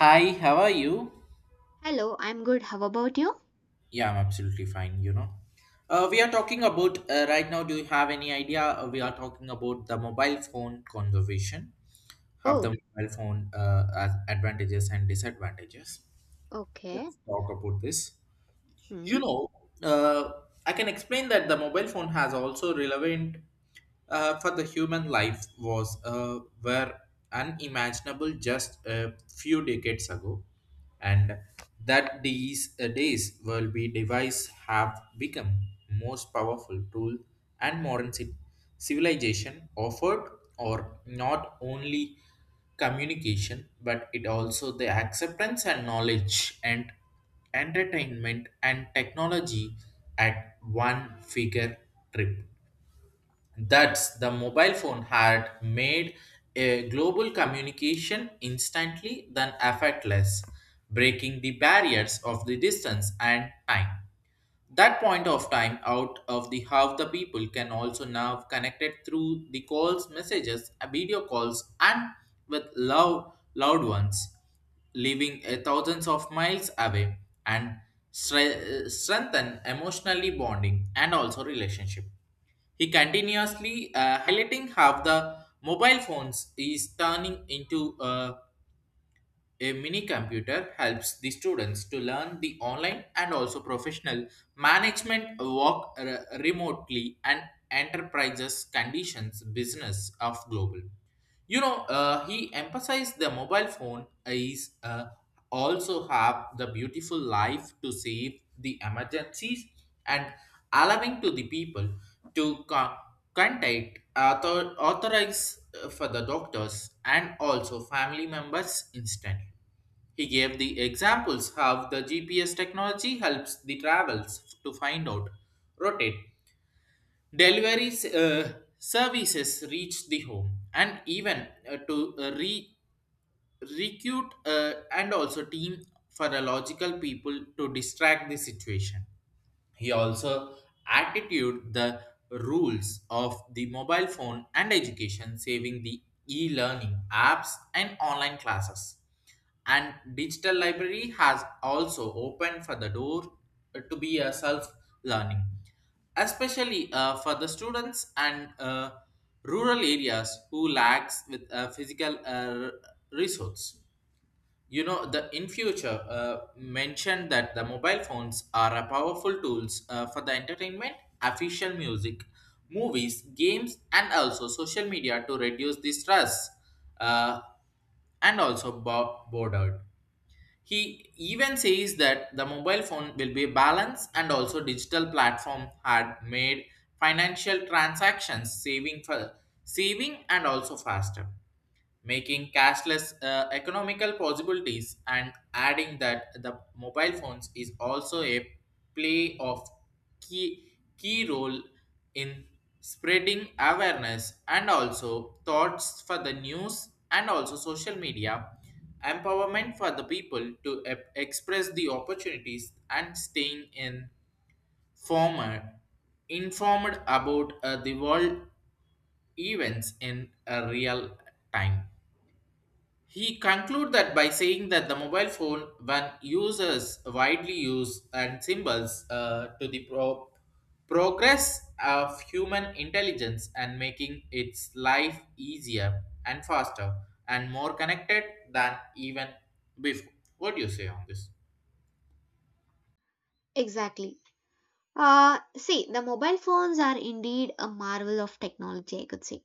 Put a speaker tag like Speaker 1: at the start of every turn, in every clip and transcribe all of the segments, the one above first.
Speaker 1: Hi, how are you?
Speaker 2: Hello, I'm good. How about you?
Speaker 1: Yeah, I'm absolutely fine. We are talking about right now. Do you have any idea? We are talking about the mobile phone conservation, have the
Speaker 2: Oh,
Speaker 1: mobile phone as advantages and disadvantages.
Speaker 2: okay.
Speaker 1: Let's talk about this. You
Speaker 2: Hmm.
Speaker 1: know, uh, I can explain that the mobile phone has also relevant for the human life was were unimaginable just a few decades ago, and that these days will be device have become most powerful tool and modern civilization offered or not only communication but it also the acceptance and knowledge and entertainment and technology at one figure trip. Thus, the mobile phone had made a global communication instantly than effortless, breaking the barriers of the distance and time. That point of time out of the half the people can also now connected through the calls, messages, video calls, and with loud, loud ones living thousands of miles away and strengthen emotionally bonding and also relationship. He continuously highlighting how the mobile phones is turning into a mini computer helps the students to learn the online and also professional management work remotely and enterprises conditions business of global. He emphasized the mobile phone is also have the beautiful life to save the emergencies and allowing to the people to con- contact authorize for the doctors and also family members instantly. He gave the examples how the GPS technology helps the travels to find out rotate. Delivery s- uh, Services reach the home and even recruit and also team for a logical people to distract the situation. He also attitude the rules of the mobile phone and education, saving the e-learning apps and online classes. And digital library has also opened for the door to be a self-learning, especially for the students and rural areas who lacks with physical resource. You know the in future mentioned that the mobile phones are a powerful tools for the entertainment official music movies games and also social media to reduce the stress uh, and also boredom. He even says that the mobile phone will be a balance and also digital platform had made financial transactions saving for saving and also faster making cashless economical possibilities and adding that the mobile phones is also a play of key role in spreading awareness and also thoughts for the news and also social media empowerment for the people to express the opportunities and staying in former informed about the world events in a real time. He concluded that by saying that the mobile phone, when users widely use and symbols to the progress of human intelligence and making its life easier and faster and more connected than even before. What do you say on this?
Speaker 2: Exactly. See, the mobile phones are indeed a marvel of technology, I could say.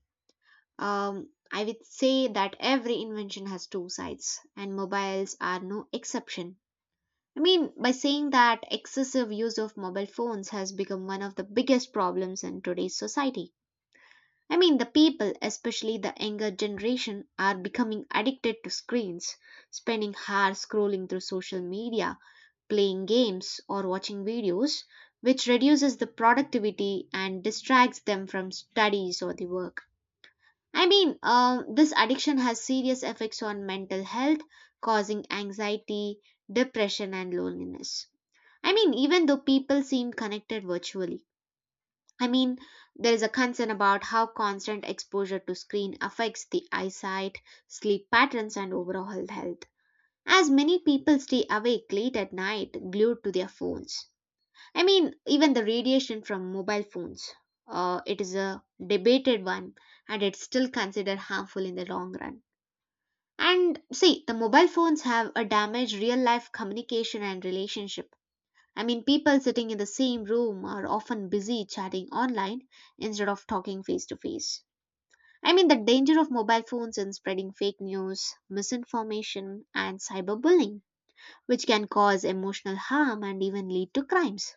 Speaker 2: I would say that every invention has two sides, and mobiles are no exception. I mean, by saying that excessive use of mobile phones has become one of the biggest problems in today's society. I mean, the people, especially the younger generation, are becoming addicted to screens, spending hours scrolling through social media playing games or watching videos, which reduces the productivity and distracts them from studies or the work. I mean, this addiction has serious effects on mental health, causing anxiety, depression, and loneliness. I mean, even though people seem connected virtually. I mean, there is a concern about how constant exposure to screen affects the eyesight, sleep patterns, and overall health. As many people stay awake late at night glued to their phones. I mean, even the radiation from mobile phones, it is a debated one and it's still considered harmful in the long run. And see, the mobile phones have a damaged real life communication and relationship. I mean, people sitting in the same room are often busy chatting online instead of talking face to face. I mean, the danger of mobile phones in spreading fake news, misinformation, and cyberbullying, which can cause emotional harm and even lead to crimes.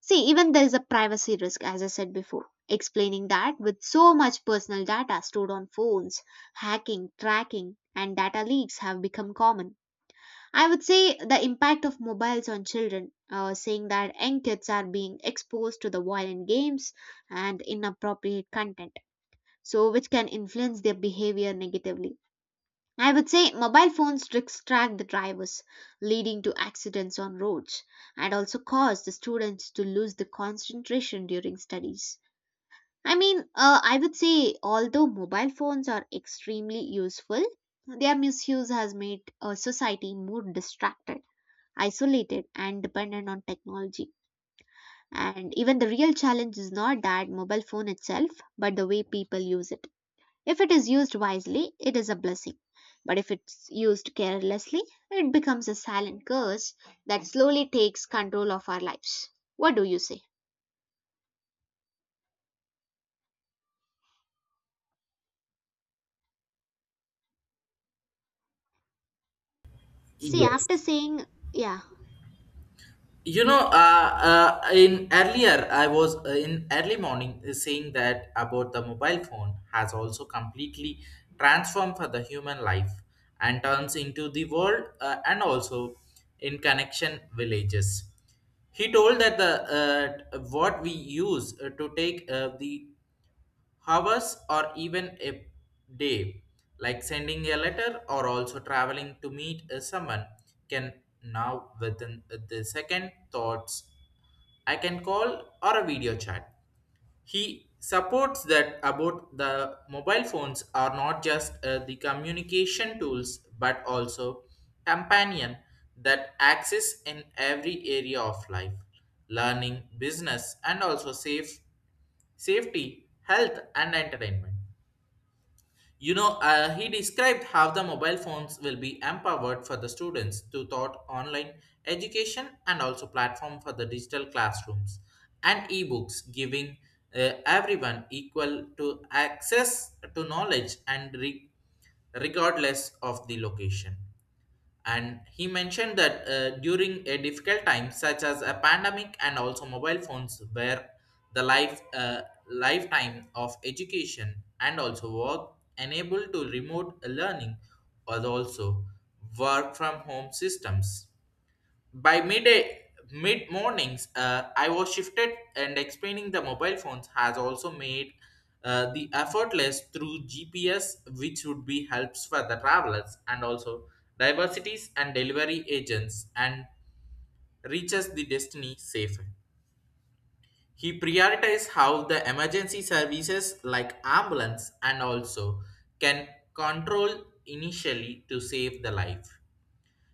Speaker 2: See, even there is a privacy risk, as I said before. Explaining that with so much personal data stored on phones, hacking, tracking, and data leaks have become common. I would say the impact of mobiles on children, saying that young kids are being exposed to the violent games and inappropriate content, so which can influence their behavior negatively. I would say mobile phones distract the drivers, leading to accidents on roads, and also cause the students to lose the concentration during studies. I mean, I would say although mobile phones are extremely useful, their misuse has made society more distracted, isolated, and dependent on technology. And even the real challenge is not that mobile phone itself, but the way people use it. If it is used wisely, it is a blessing, but if it's used carelessly, it becomes a silent curse that slowly takes control of our lives. What do you say? See,
Speaker 1: Yes.
Speaker 2: after saying, yeah,
Speaker 1: In earlier I was in early morning saying that about the mobile phone has also completely transformed for the human life and turns into the world and also in connection villages. He told that the what we use to take the hours or even a day like sending a letter or also traveling to meet someone can now within the second thoughts I can call or a video chat. He supports that about the mobile phones are not just the communication tools but also companion that access in every area of life learning business and also safe safety health and entertainment. He described how the mobile phones will be empowered for the students to thought online education and also platform for the digital classrooms and ebooks, giving everyone equal to access to knowledge and regardless of the location. And he mentioned that during a difficult time such as a pandemic and also mobile phones where the life lifetime of education and also work enabled to remote learning or also work from home systems. By midday, mid mornings, I was shifted, and explaining the mobile phones has also made the effortless through GPS, which would be helps for the travelers and also diversities and delivery agents, and reaches the destiny safer. He prioritized how the emergency services like ambulance and also can control initially to save the life.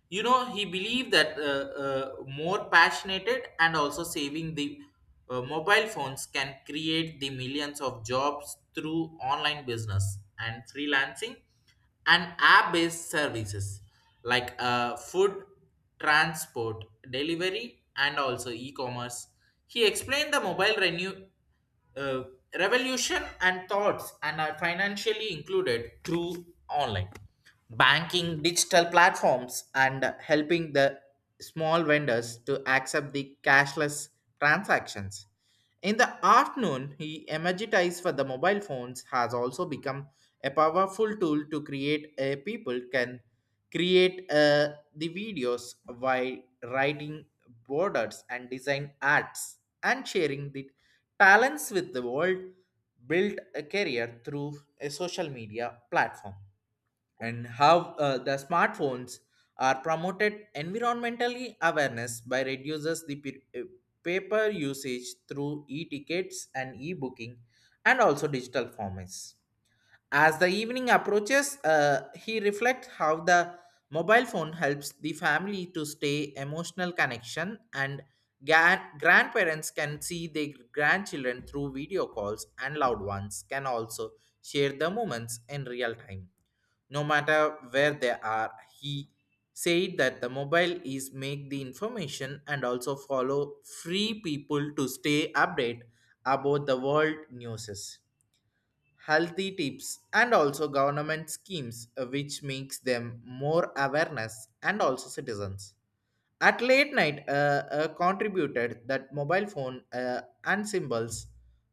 Speaker 1: He believed that more passionate and also saving the mobile phones can create the millions of jobs through online business and freelancing and app-based services like food transport delivery and also e-commerce. He explained the mobile renew uh, revolution and thoughts and are financially included through online banking digital platforms and helping the small vendors to accept the cashless transactions. In the afternoon he emergitized for the mobile phones has also become a powerful tool to create a people can create the videos while writing borders and design arts and sharing the talents with the world build a career through a social media platform and how the smartphones are promoted environmentally awareness by reduces the paper usage through e-tickets and e-booking and also digital formats. As the evening approaches he reflects how the mobile phone helps the family to stay emotional connection and grandparents can see their grandchildren through video calls and loved ones can also share the moments in real time no matter where they are. He said that the mobile is make the information and also follow free people to stay update about the world newses, healthy tips and also government schemes which makes them more awareness and also citizens. At late night contributed that mobile phone and symbols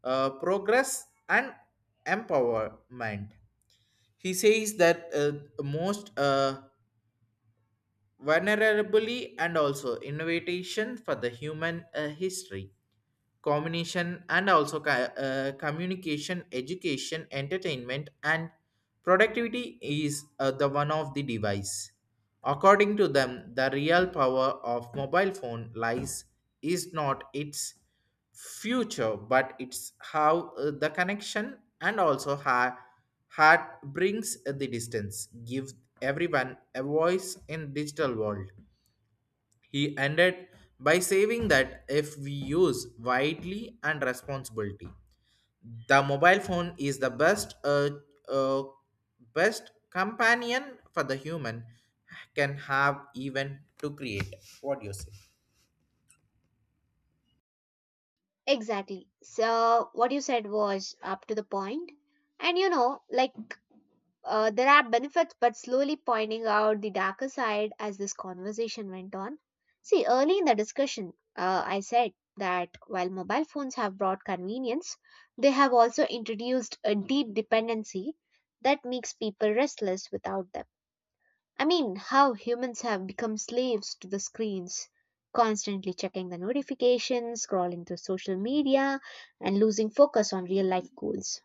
Speaker 1: progress and empowerment. He says that most vulnerably and also innovation for the human history combination and also communication education entertainment and productivity is the one of the device. According to them the real power of mobile phone lies is not its future but it's how the connection and also how heart brings the distance give everyone a voice in digital world. He ended by saying that if we use widely and responsibility, the mobile phone is the best uh, best companion for the human can have even to create. What do you say?
Speaker 2: exactly. So, what you said was up to the point. And you know, like, there are benefits, but slowly pointing out the darker side as this conversation went on. See, early in the discussion, I said that while mobile phones have brought convenience, they have also introduced a deep dependency that makes people restless without them. I mean, how humans have become slaves to the screens, constantly checking the notifications, scrolling through social media, and losing focus on real life goals.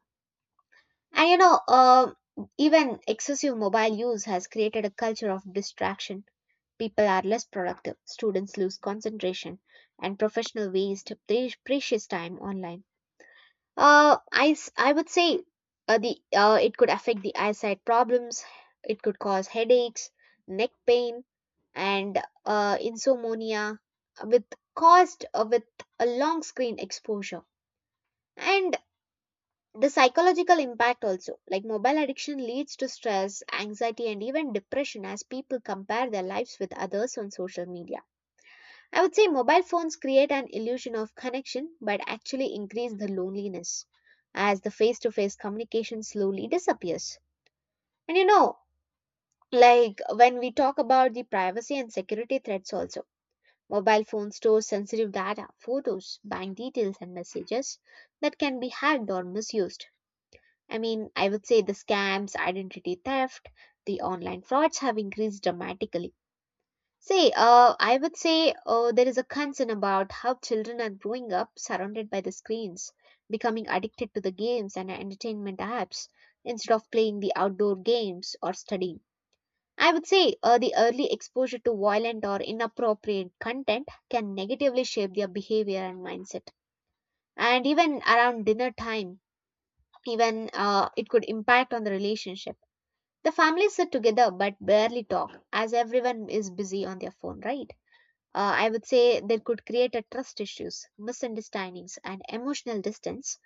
Speaker 2: And you know, even excessive mobile use has created a culture of distraction. People are less productive, students lose concentration, and professional waste precious time online. I would say the it could affect the eyesight problems, it could cause headaches, neck pain, and insomnia with caused with a long screen exposure. And the psychological impact also like mobile addiction leads to stress anxiety and even depression as people compare their lives with others on social media. I would say mobile phones create an illusion of connection but actually increase the loneliness as the face to face communication slowly disappears. And you know, like when we talk about the privacy and security threats also mobile phones store sensitive data photos bank details and messages that can be hacked or misused. I mean, I would say the scams, identity theft, the online frauds have increased dramatically. See, I would say there is a concern about how children are growing up surrounded by the screens, becoming addicted to the games and entertainment apps instead of playing the outdoor games or studying. I would say the early exposure to violent or inappropriate content can negatively shape their behavior and mindset. And even around dinner time, even it could impact on the relationship the family sit together but barely talk as everyone is busy on their phone, right? I would say they could create a trust issues, misunderstandings, and emotional distance,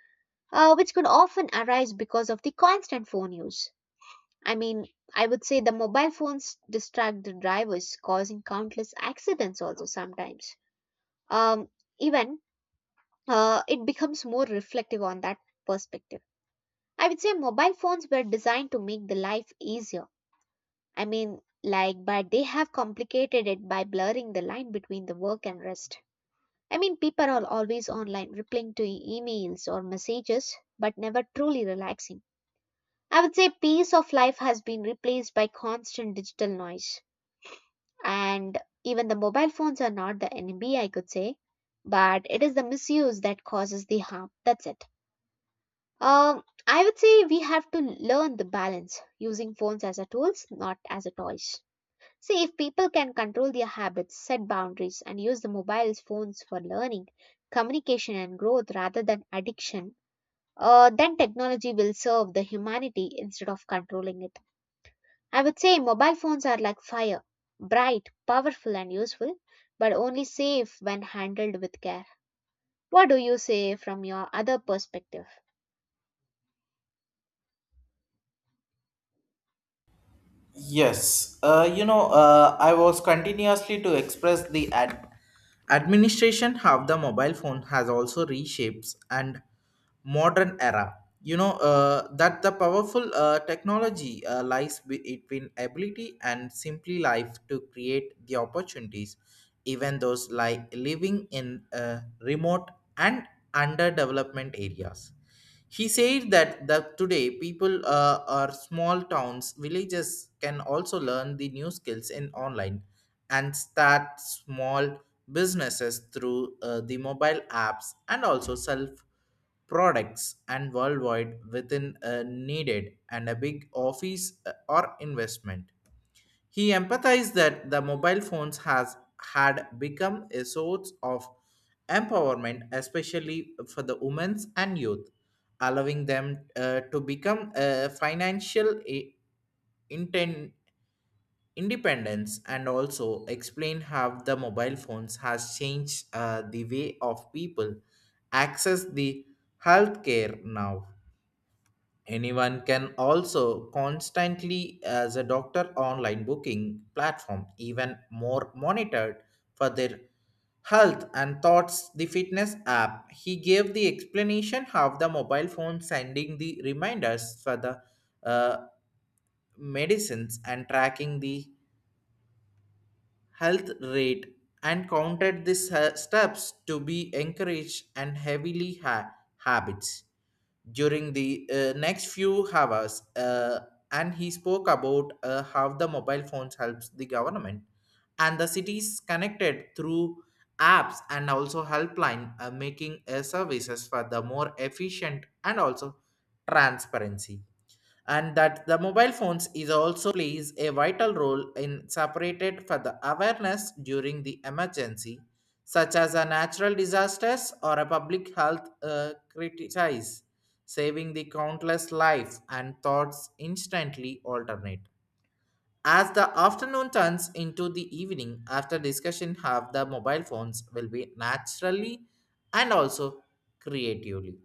Speaker 2: which could often arise because of the constant phone use. I mean, I would say the mobile phones distract the drivers, causing countless accidents also sometimes. Um, even it becomes more reflective on that perspective. I would say mobile phones were designed to make the life easier. I mean, like, but they have complicated it by blurring the line between the work and rest. I mean, people are always online replying to emails or messages, but never truly relaxing. I would say peace of life has been replaced by constant digital noise. And even the mobile phones are not the enemy, I could say, but it is the misuse that causes the harm. That's it. I would say we have to learn the balance using phones as a tools, not as a toys. See, if people can control their habits, set boundaries, and use the mobile phones for learning, communication, and growth rather than addiction, then technology will serve the humanity instead of controlling it. I would say mobile phones are like fire bright, powerful, and useful, but only safe when handled with care. What do you say from your other perspective?
Speaker 1: Yes, I was continuously to express the administration how the mobile phone has also reshapes and modern era. That the powerful technology lies between ability and simply life to create the opportunities, even those like living in remote and underdevelopment areas. He said that the, today people are small towns, villages can also learn the new skills in online and start small businesses through the mobile apps and also self products and worldwide within a needed and a big office or investment. He empathized that the mobile phones has had become a source of empowerment, especially for the women and youth, allowing them to become a financial inten- independence and also explain how the mobile phones has changed the way of people access the healthcare now. Anyone can also constantly as a doctor online booking platform even more monitored for their health and thoughts the fitness app. He gave the explanation how the mobile phone sending the reminders for the uh, medicines and tracking the health rate and counted these steps to be encouraged and heavily habits during the next few hours. And he spoke about how the mobile phones helps the government and the cities connected through apps and also helpline making services for the more efficient and also transparency and that the mobile phones is also plays a vital role in separated for the awareness during the emergency such as a natural disasters or a public health crisis saving the countless life and thoughts instantly alternate. As the afternoon turns into the evening after discussion have the mobile phones will be naturally and also creatively.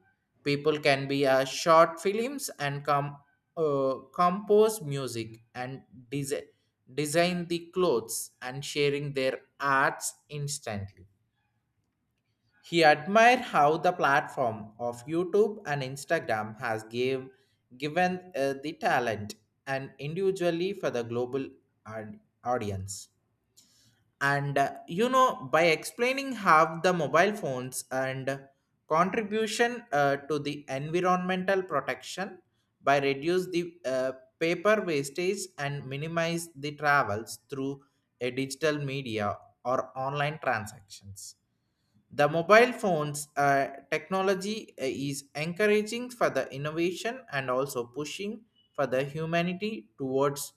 Speaker 1: People can be a short films and compose music and desi- design the clothes and sharing their arts instantly. He admired how the platform of YouTube and Instagram has given the talent and individually for the global audience. And by explaining how the mobile phones and contribution to the environmental protection by reduce the paper wastage and minimize the travels through a digital media or online transactions the mobile phones technology is encouraging for the innovation and also pushing for the humanity towards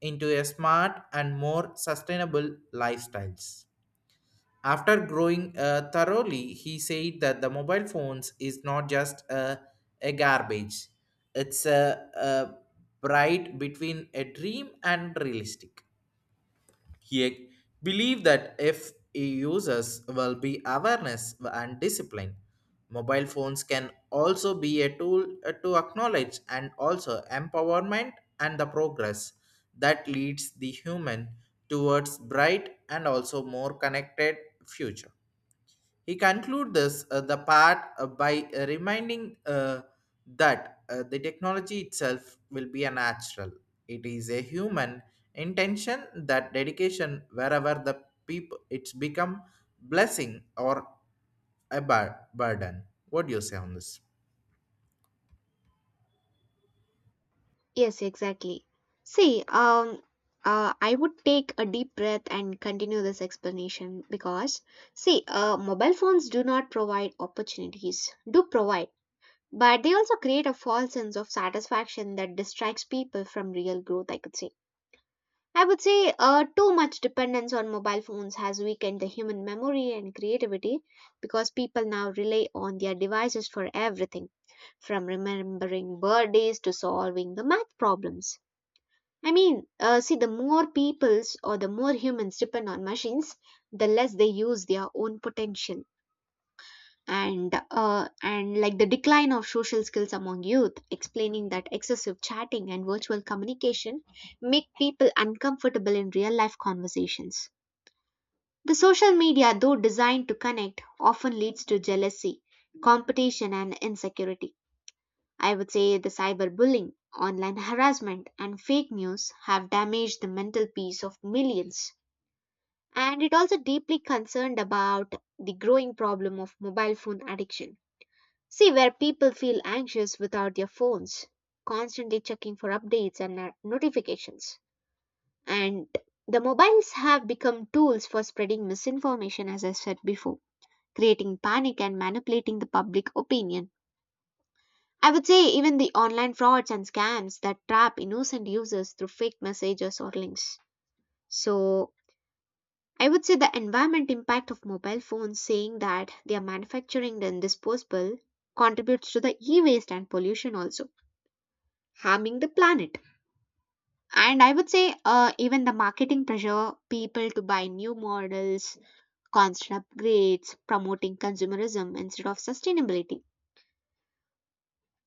Speaker 1: into a smart and more sustainable lifestyles. After growing thoroughly, he said that the mobile phones is not just a garbage; it's a bright between a dream and realistic. He believed that if users will be awareness and discipline, mobile phones can also be a tool to acknowledge and also empowerment and the progress that leads the human towards bright and also more connected future. He concludes this the part by reminding that the technology itself will be a natural. It is a human intention that dedication wherever the people it's become blessing or a burden. What do you say on this?
Speaker 2: Yes, exactly. See, I would take a deep breath and continue this explanation because, see, mobile phones do not provide opportunities, do provide, but they also create a false sense of satisfaction that distracts people from real growth, I could say. I would say too much dependence on mobile phones has weakened the human memory and creativity because people now rely on their devices for everything, from remembering birthdays to solving the math problems. I mean, see, the more peoples or the more humans depend on machines, the less they use their own potential. And like the decline of social skills among youth, explaining that excessive chatting and virtual communication make people uncomfortable in real life conversations. The social media, though designed to connect, often leads to jealousy, competition, and insecurity. I would say the cyberbullying, online harassment, and fake news have damaged the mental peace of millions. And it also deeply concerned about the growing problem of mobile phone addiction. See, where people feel anxious without their phones, constantly checking for updates and notifications. And the mobiles have become tools for spreading misinformation, as I said before, creating panic and manipulating the public opinion. I would say even the online frauds and scams that trap innocent users through fake messages or links. So, I would say the environment impact of mobile phones saying that they are manufacturing and disposable contributes to the e-waste and pollution also harming the planet. And I would say even the marketing pressure people to buy new models, constant upgrades, promoting consumerism instead of sustainability.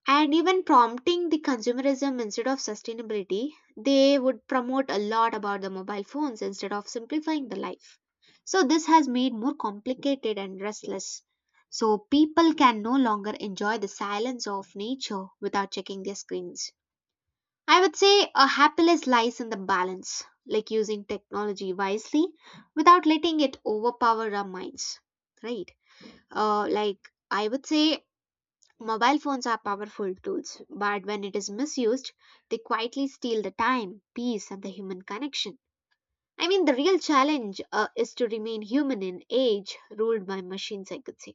Speaker 2: And even prompting the consumerism instead of sustainability, they would promote a lot about the mobile phones instead of simplifying the life, so this has made more complicated and restless, so people can no longer enjoy the silence of nature without checking their screens. I would say a happiness lies in the balance, like using technology wisely without letting it overpower our minds, right? Like, I would say mobile phones are powerful tools, but when it is misused, they quietly steal the time, peace, and the human connection. I mean, the real challenge is to remain human in age ruled by machines, I could say.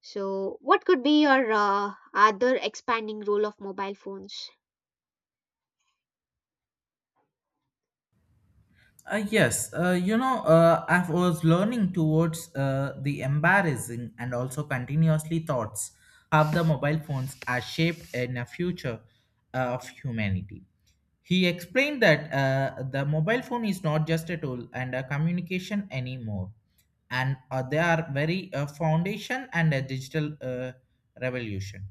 Speaker 2: So, what could be your other expanding role of mobile phones?
Speaker 1: Yes, I was learning towards the embarrassing and also continuously thoughts how the mobile phones are shaped in the future of humanity. He explained that the mobile phone is not just a tool and a communication anymore, and they are very foundation and a digital revolution.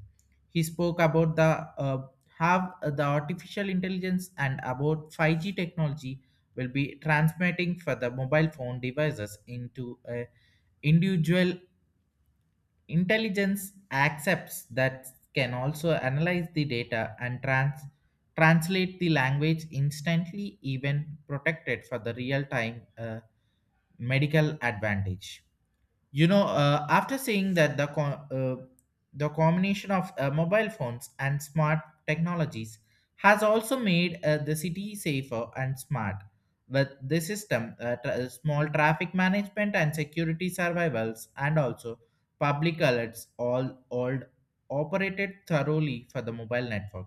Speaker 1: He spoke about the how the artificial intelligence and about 5G technology will be transmitting for the mobile phone devices into a individual intelligence accepts that can also analyze the data and translate the language instantly even protected for the real time medical advantage. You know, after saying that the the combination of mobile phones and smart technologies has also made the city safer and smart. With this system, small traffic management and security survivals, and also public alerts, all operated thoroughly for the mobile network.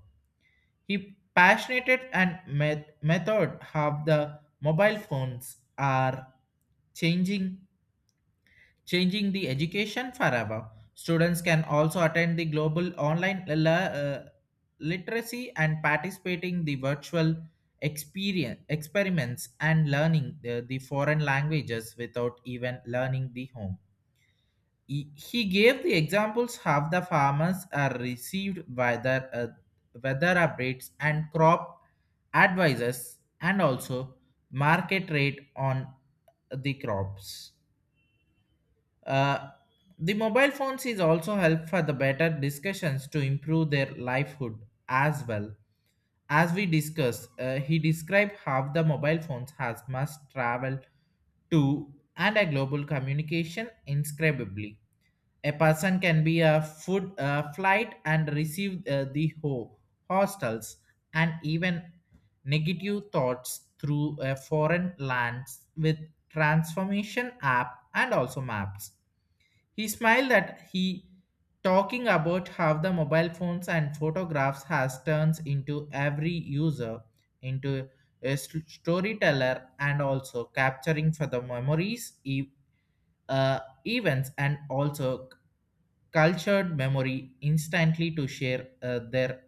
Speaker 1: He passionate and method how the mobile phones are changing changing the education forever. Students can also attend the global online literacy and participating the virtual experience experiments and learning the foreign languages without even learning the home. He gave the examples how the farmers are received whether weather updates and crop advisors and also market rate on the crops, uh, the mobile phones is also help for the better discussions to improve their livelihood as well. As we discussed, he described how the mobile phones has must travel to and a global communication inscribably. A person can be a food flight and receive the hostels and even negative thoughts through a foreign lands with transformation app and also maps. He smiled that he talking about how the mobile phones and photographs has turns into every user into a storyteller and also capturing for the memories uh, events and also cultured memory instantly to share their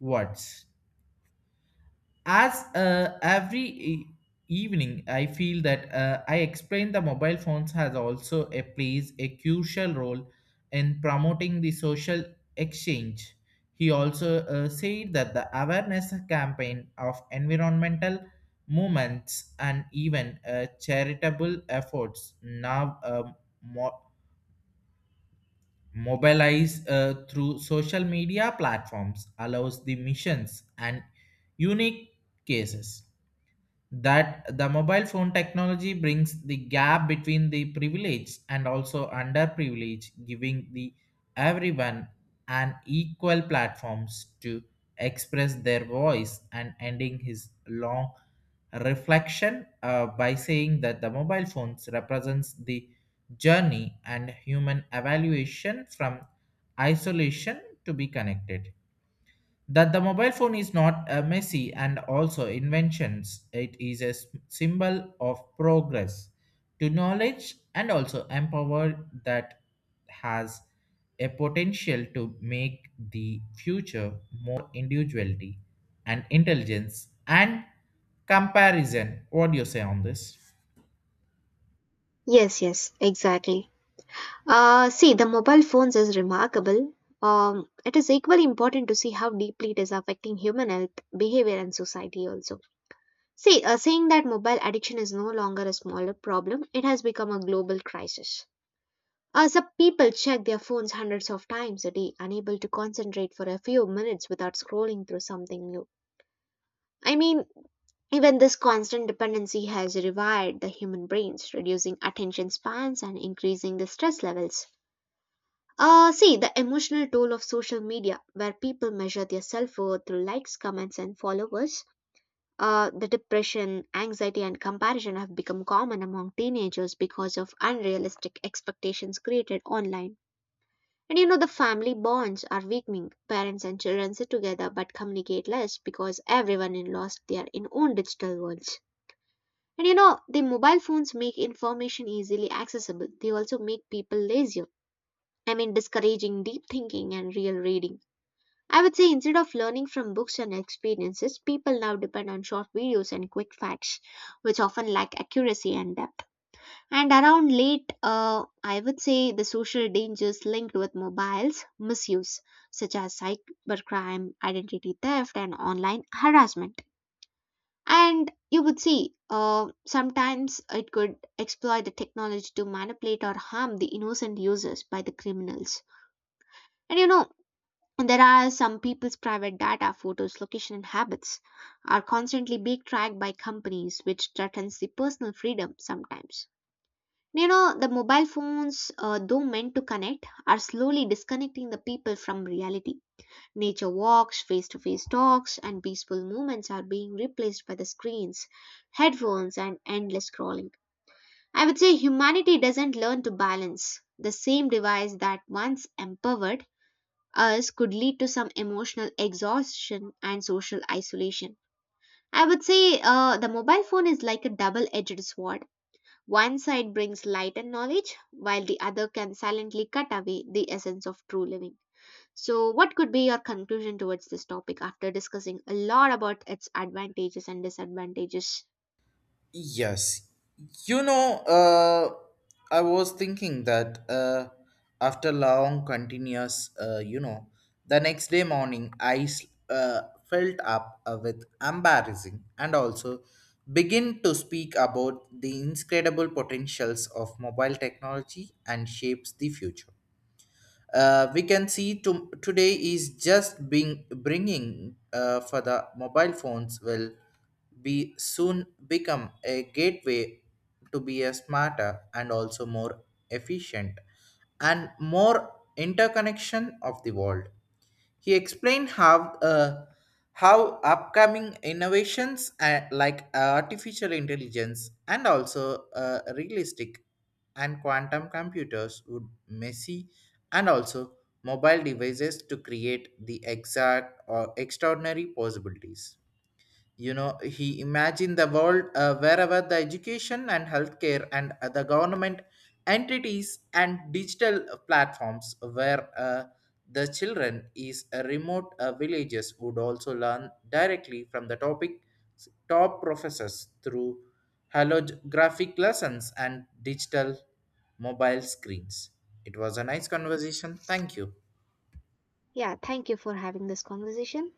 Speaker 1: words. As every evening I feel that I explain the mobile phones has also a plays a crucial role in promoting the social exchange. He also said that the awareness campaign of environmental movements and even charitable efforts now mo- mobilize through social media platforms allows the missions and unique cases that the mobile phone technology brings the gap between the privileged and also underprivileged giving the everyone an equal platforms to express their voice, and ending his long reflection by saying that the mobile phones represents the journey and human evaluation from isolation to be connected, that the mobile phone is not a messy and also inventions, it is a symbol of progress to knowledge and also empower that has a potential to make the future more individuality and intelligence and comparison. What do you say on this?
Speaker 2: Yes, yes, exactly. See, the mobile phones is remarkable. It is equally important to see how deeply it is affecting human health, behavior, and society also. See, saying that mobile addiction is no longer a smaller problem, it has become a global crisis. As a people check their phones hundreds of times a day, unable to concentrate for a few minutes without scrolling through something new. I mean, even this constant dependency has rewired the human brains, reducing attention spans and increasing the stress levels. See, the emotional toll of social media, where people measure their self worth through likes, comments, and followers. The depression, anxiety, and comparison have become common among teenagers because of unrealistic expectations created online. And you know, the family bonds are weakening. Parents and children sit together but communicate less because everyone in lost their in own digital worlds. And you know, the mobile phones make information easily accessible. They also make people lazier. I mean, discouraging deep thinking and real reading. I would say instead of learning from books and experiences, people now depend on short videos and quick facts, which often lack accuracy and depth. And around late, I would say the social dangers linked with mobiles misuse, such as cybercrime, identity theft, and online harassment. And you would see sometimes it could exploit the technology to manipulate or harm the innocent users by the criminals. And you know, there are some people's private data, photos, location, and habits are constantly being tracked by companies, which threatens the personal freedom sometimes. You know, the mobile phones, though meant to connect, are slowly disconnecting the people from reality. Nature walks, face to face talks, and peaceful moments are being replaced by the screens, headphones, and endless scrolling. I would say humanity doesn't learn to balance the same device that once empowered us could lead to some emotional exhaustion and social isolation. I would say the mobile phone is like a double edged sword. One side brings light and knowledge, while the other can silently cut away the essence of true living. So, what could be your conclusion towards this topic after discussing a lot about its advantages and disadvantages?
Speaker 1: Yes. You know, I was thinking that after long continuous, the next day morning I felt up with embarrassing and also begin to speak about the incredible potentials of mobile technology and shapes the future. Uh, We can see to, today is just being bringing for the mobile phones will be soon become a gateway to be a smarter and also more efficient and more interconnection of the world. He explained how upcoming innovations like artificial intelligence and also realistic and quantum computers would messy and also mobile devices to create the exact or extraordinary possibilities. You know, he imagined the world wherever the education and healthcare and the government entities and digital platforms where the children is remote villages would also learn directly from the top professors through holographic lessons and digital mobile screens. It was a nice conversation,
Speaker 2: Yes.
Speaker 1: thank you.
Speaker 2: Yeah, thank you for having this conversation.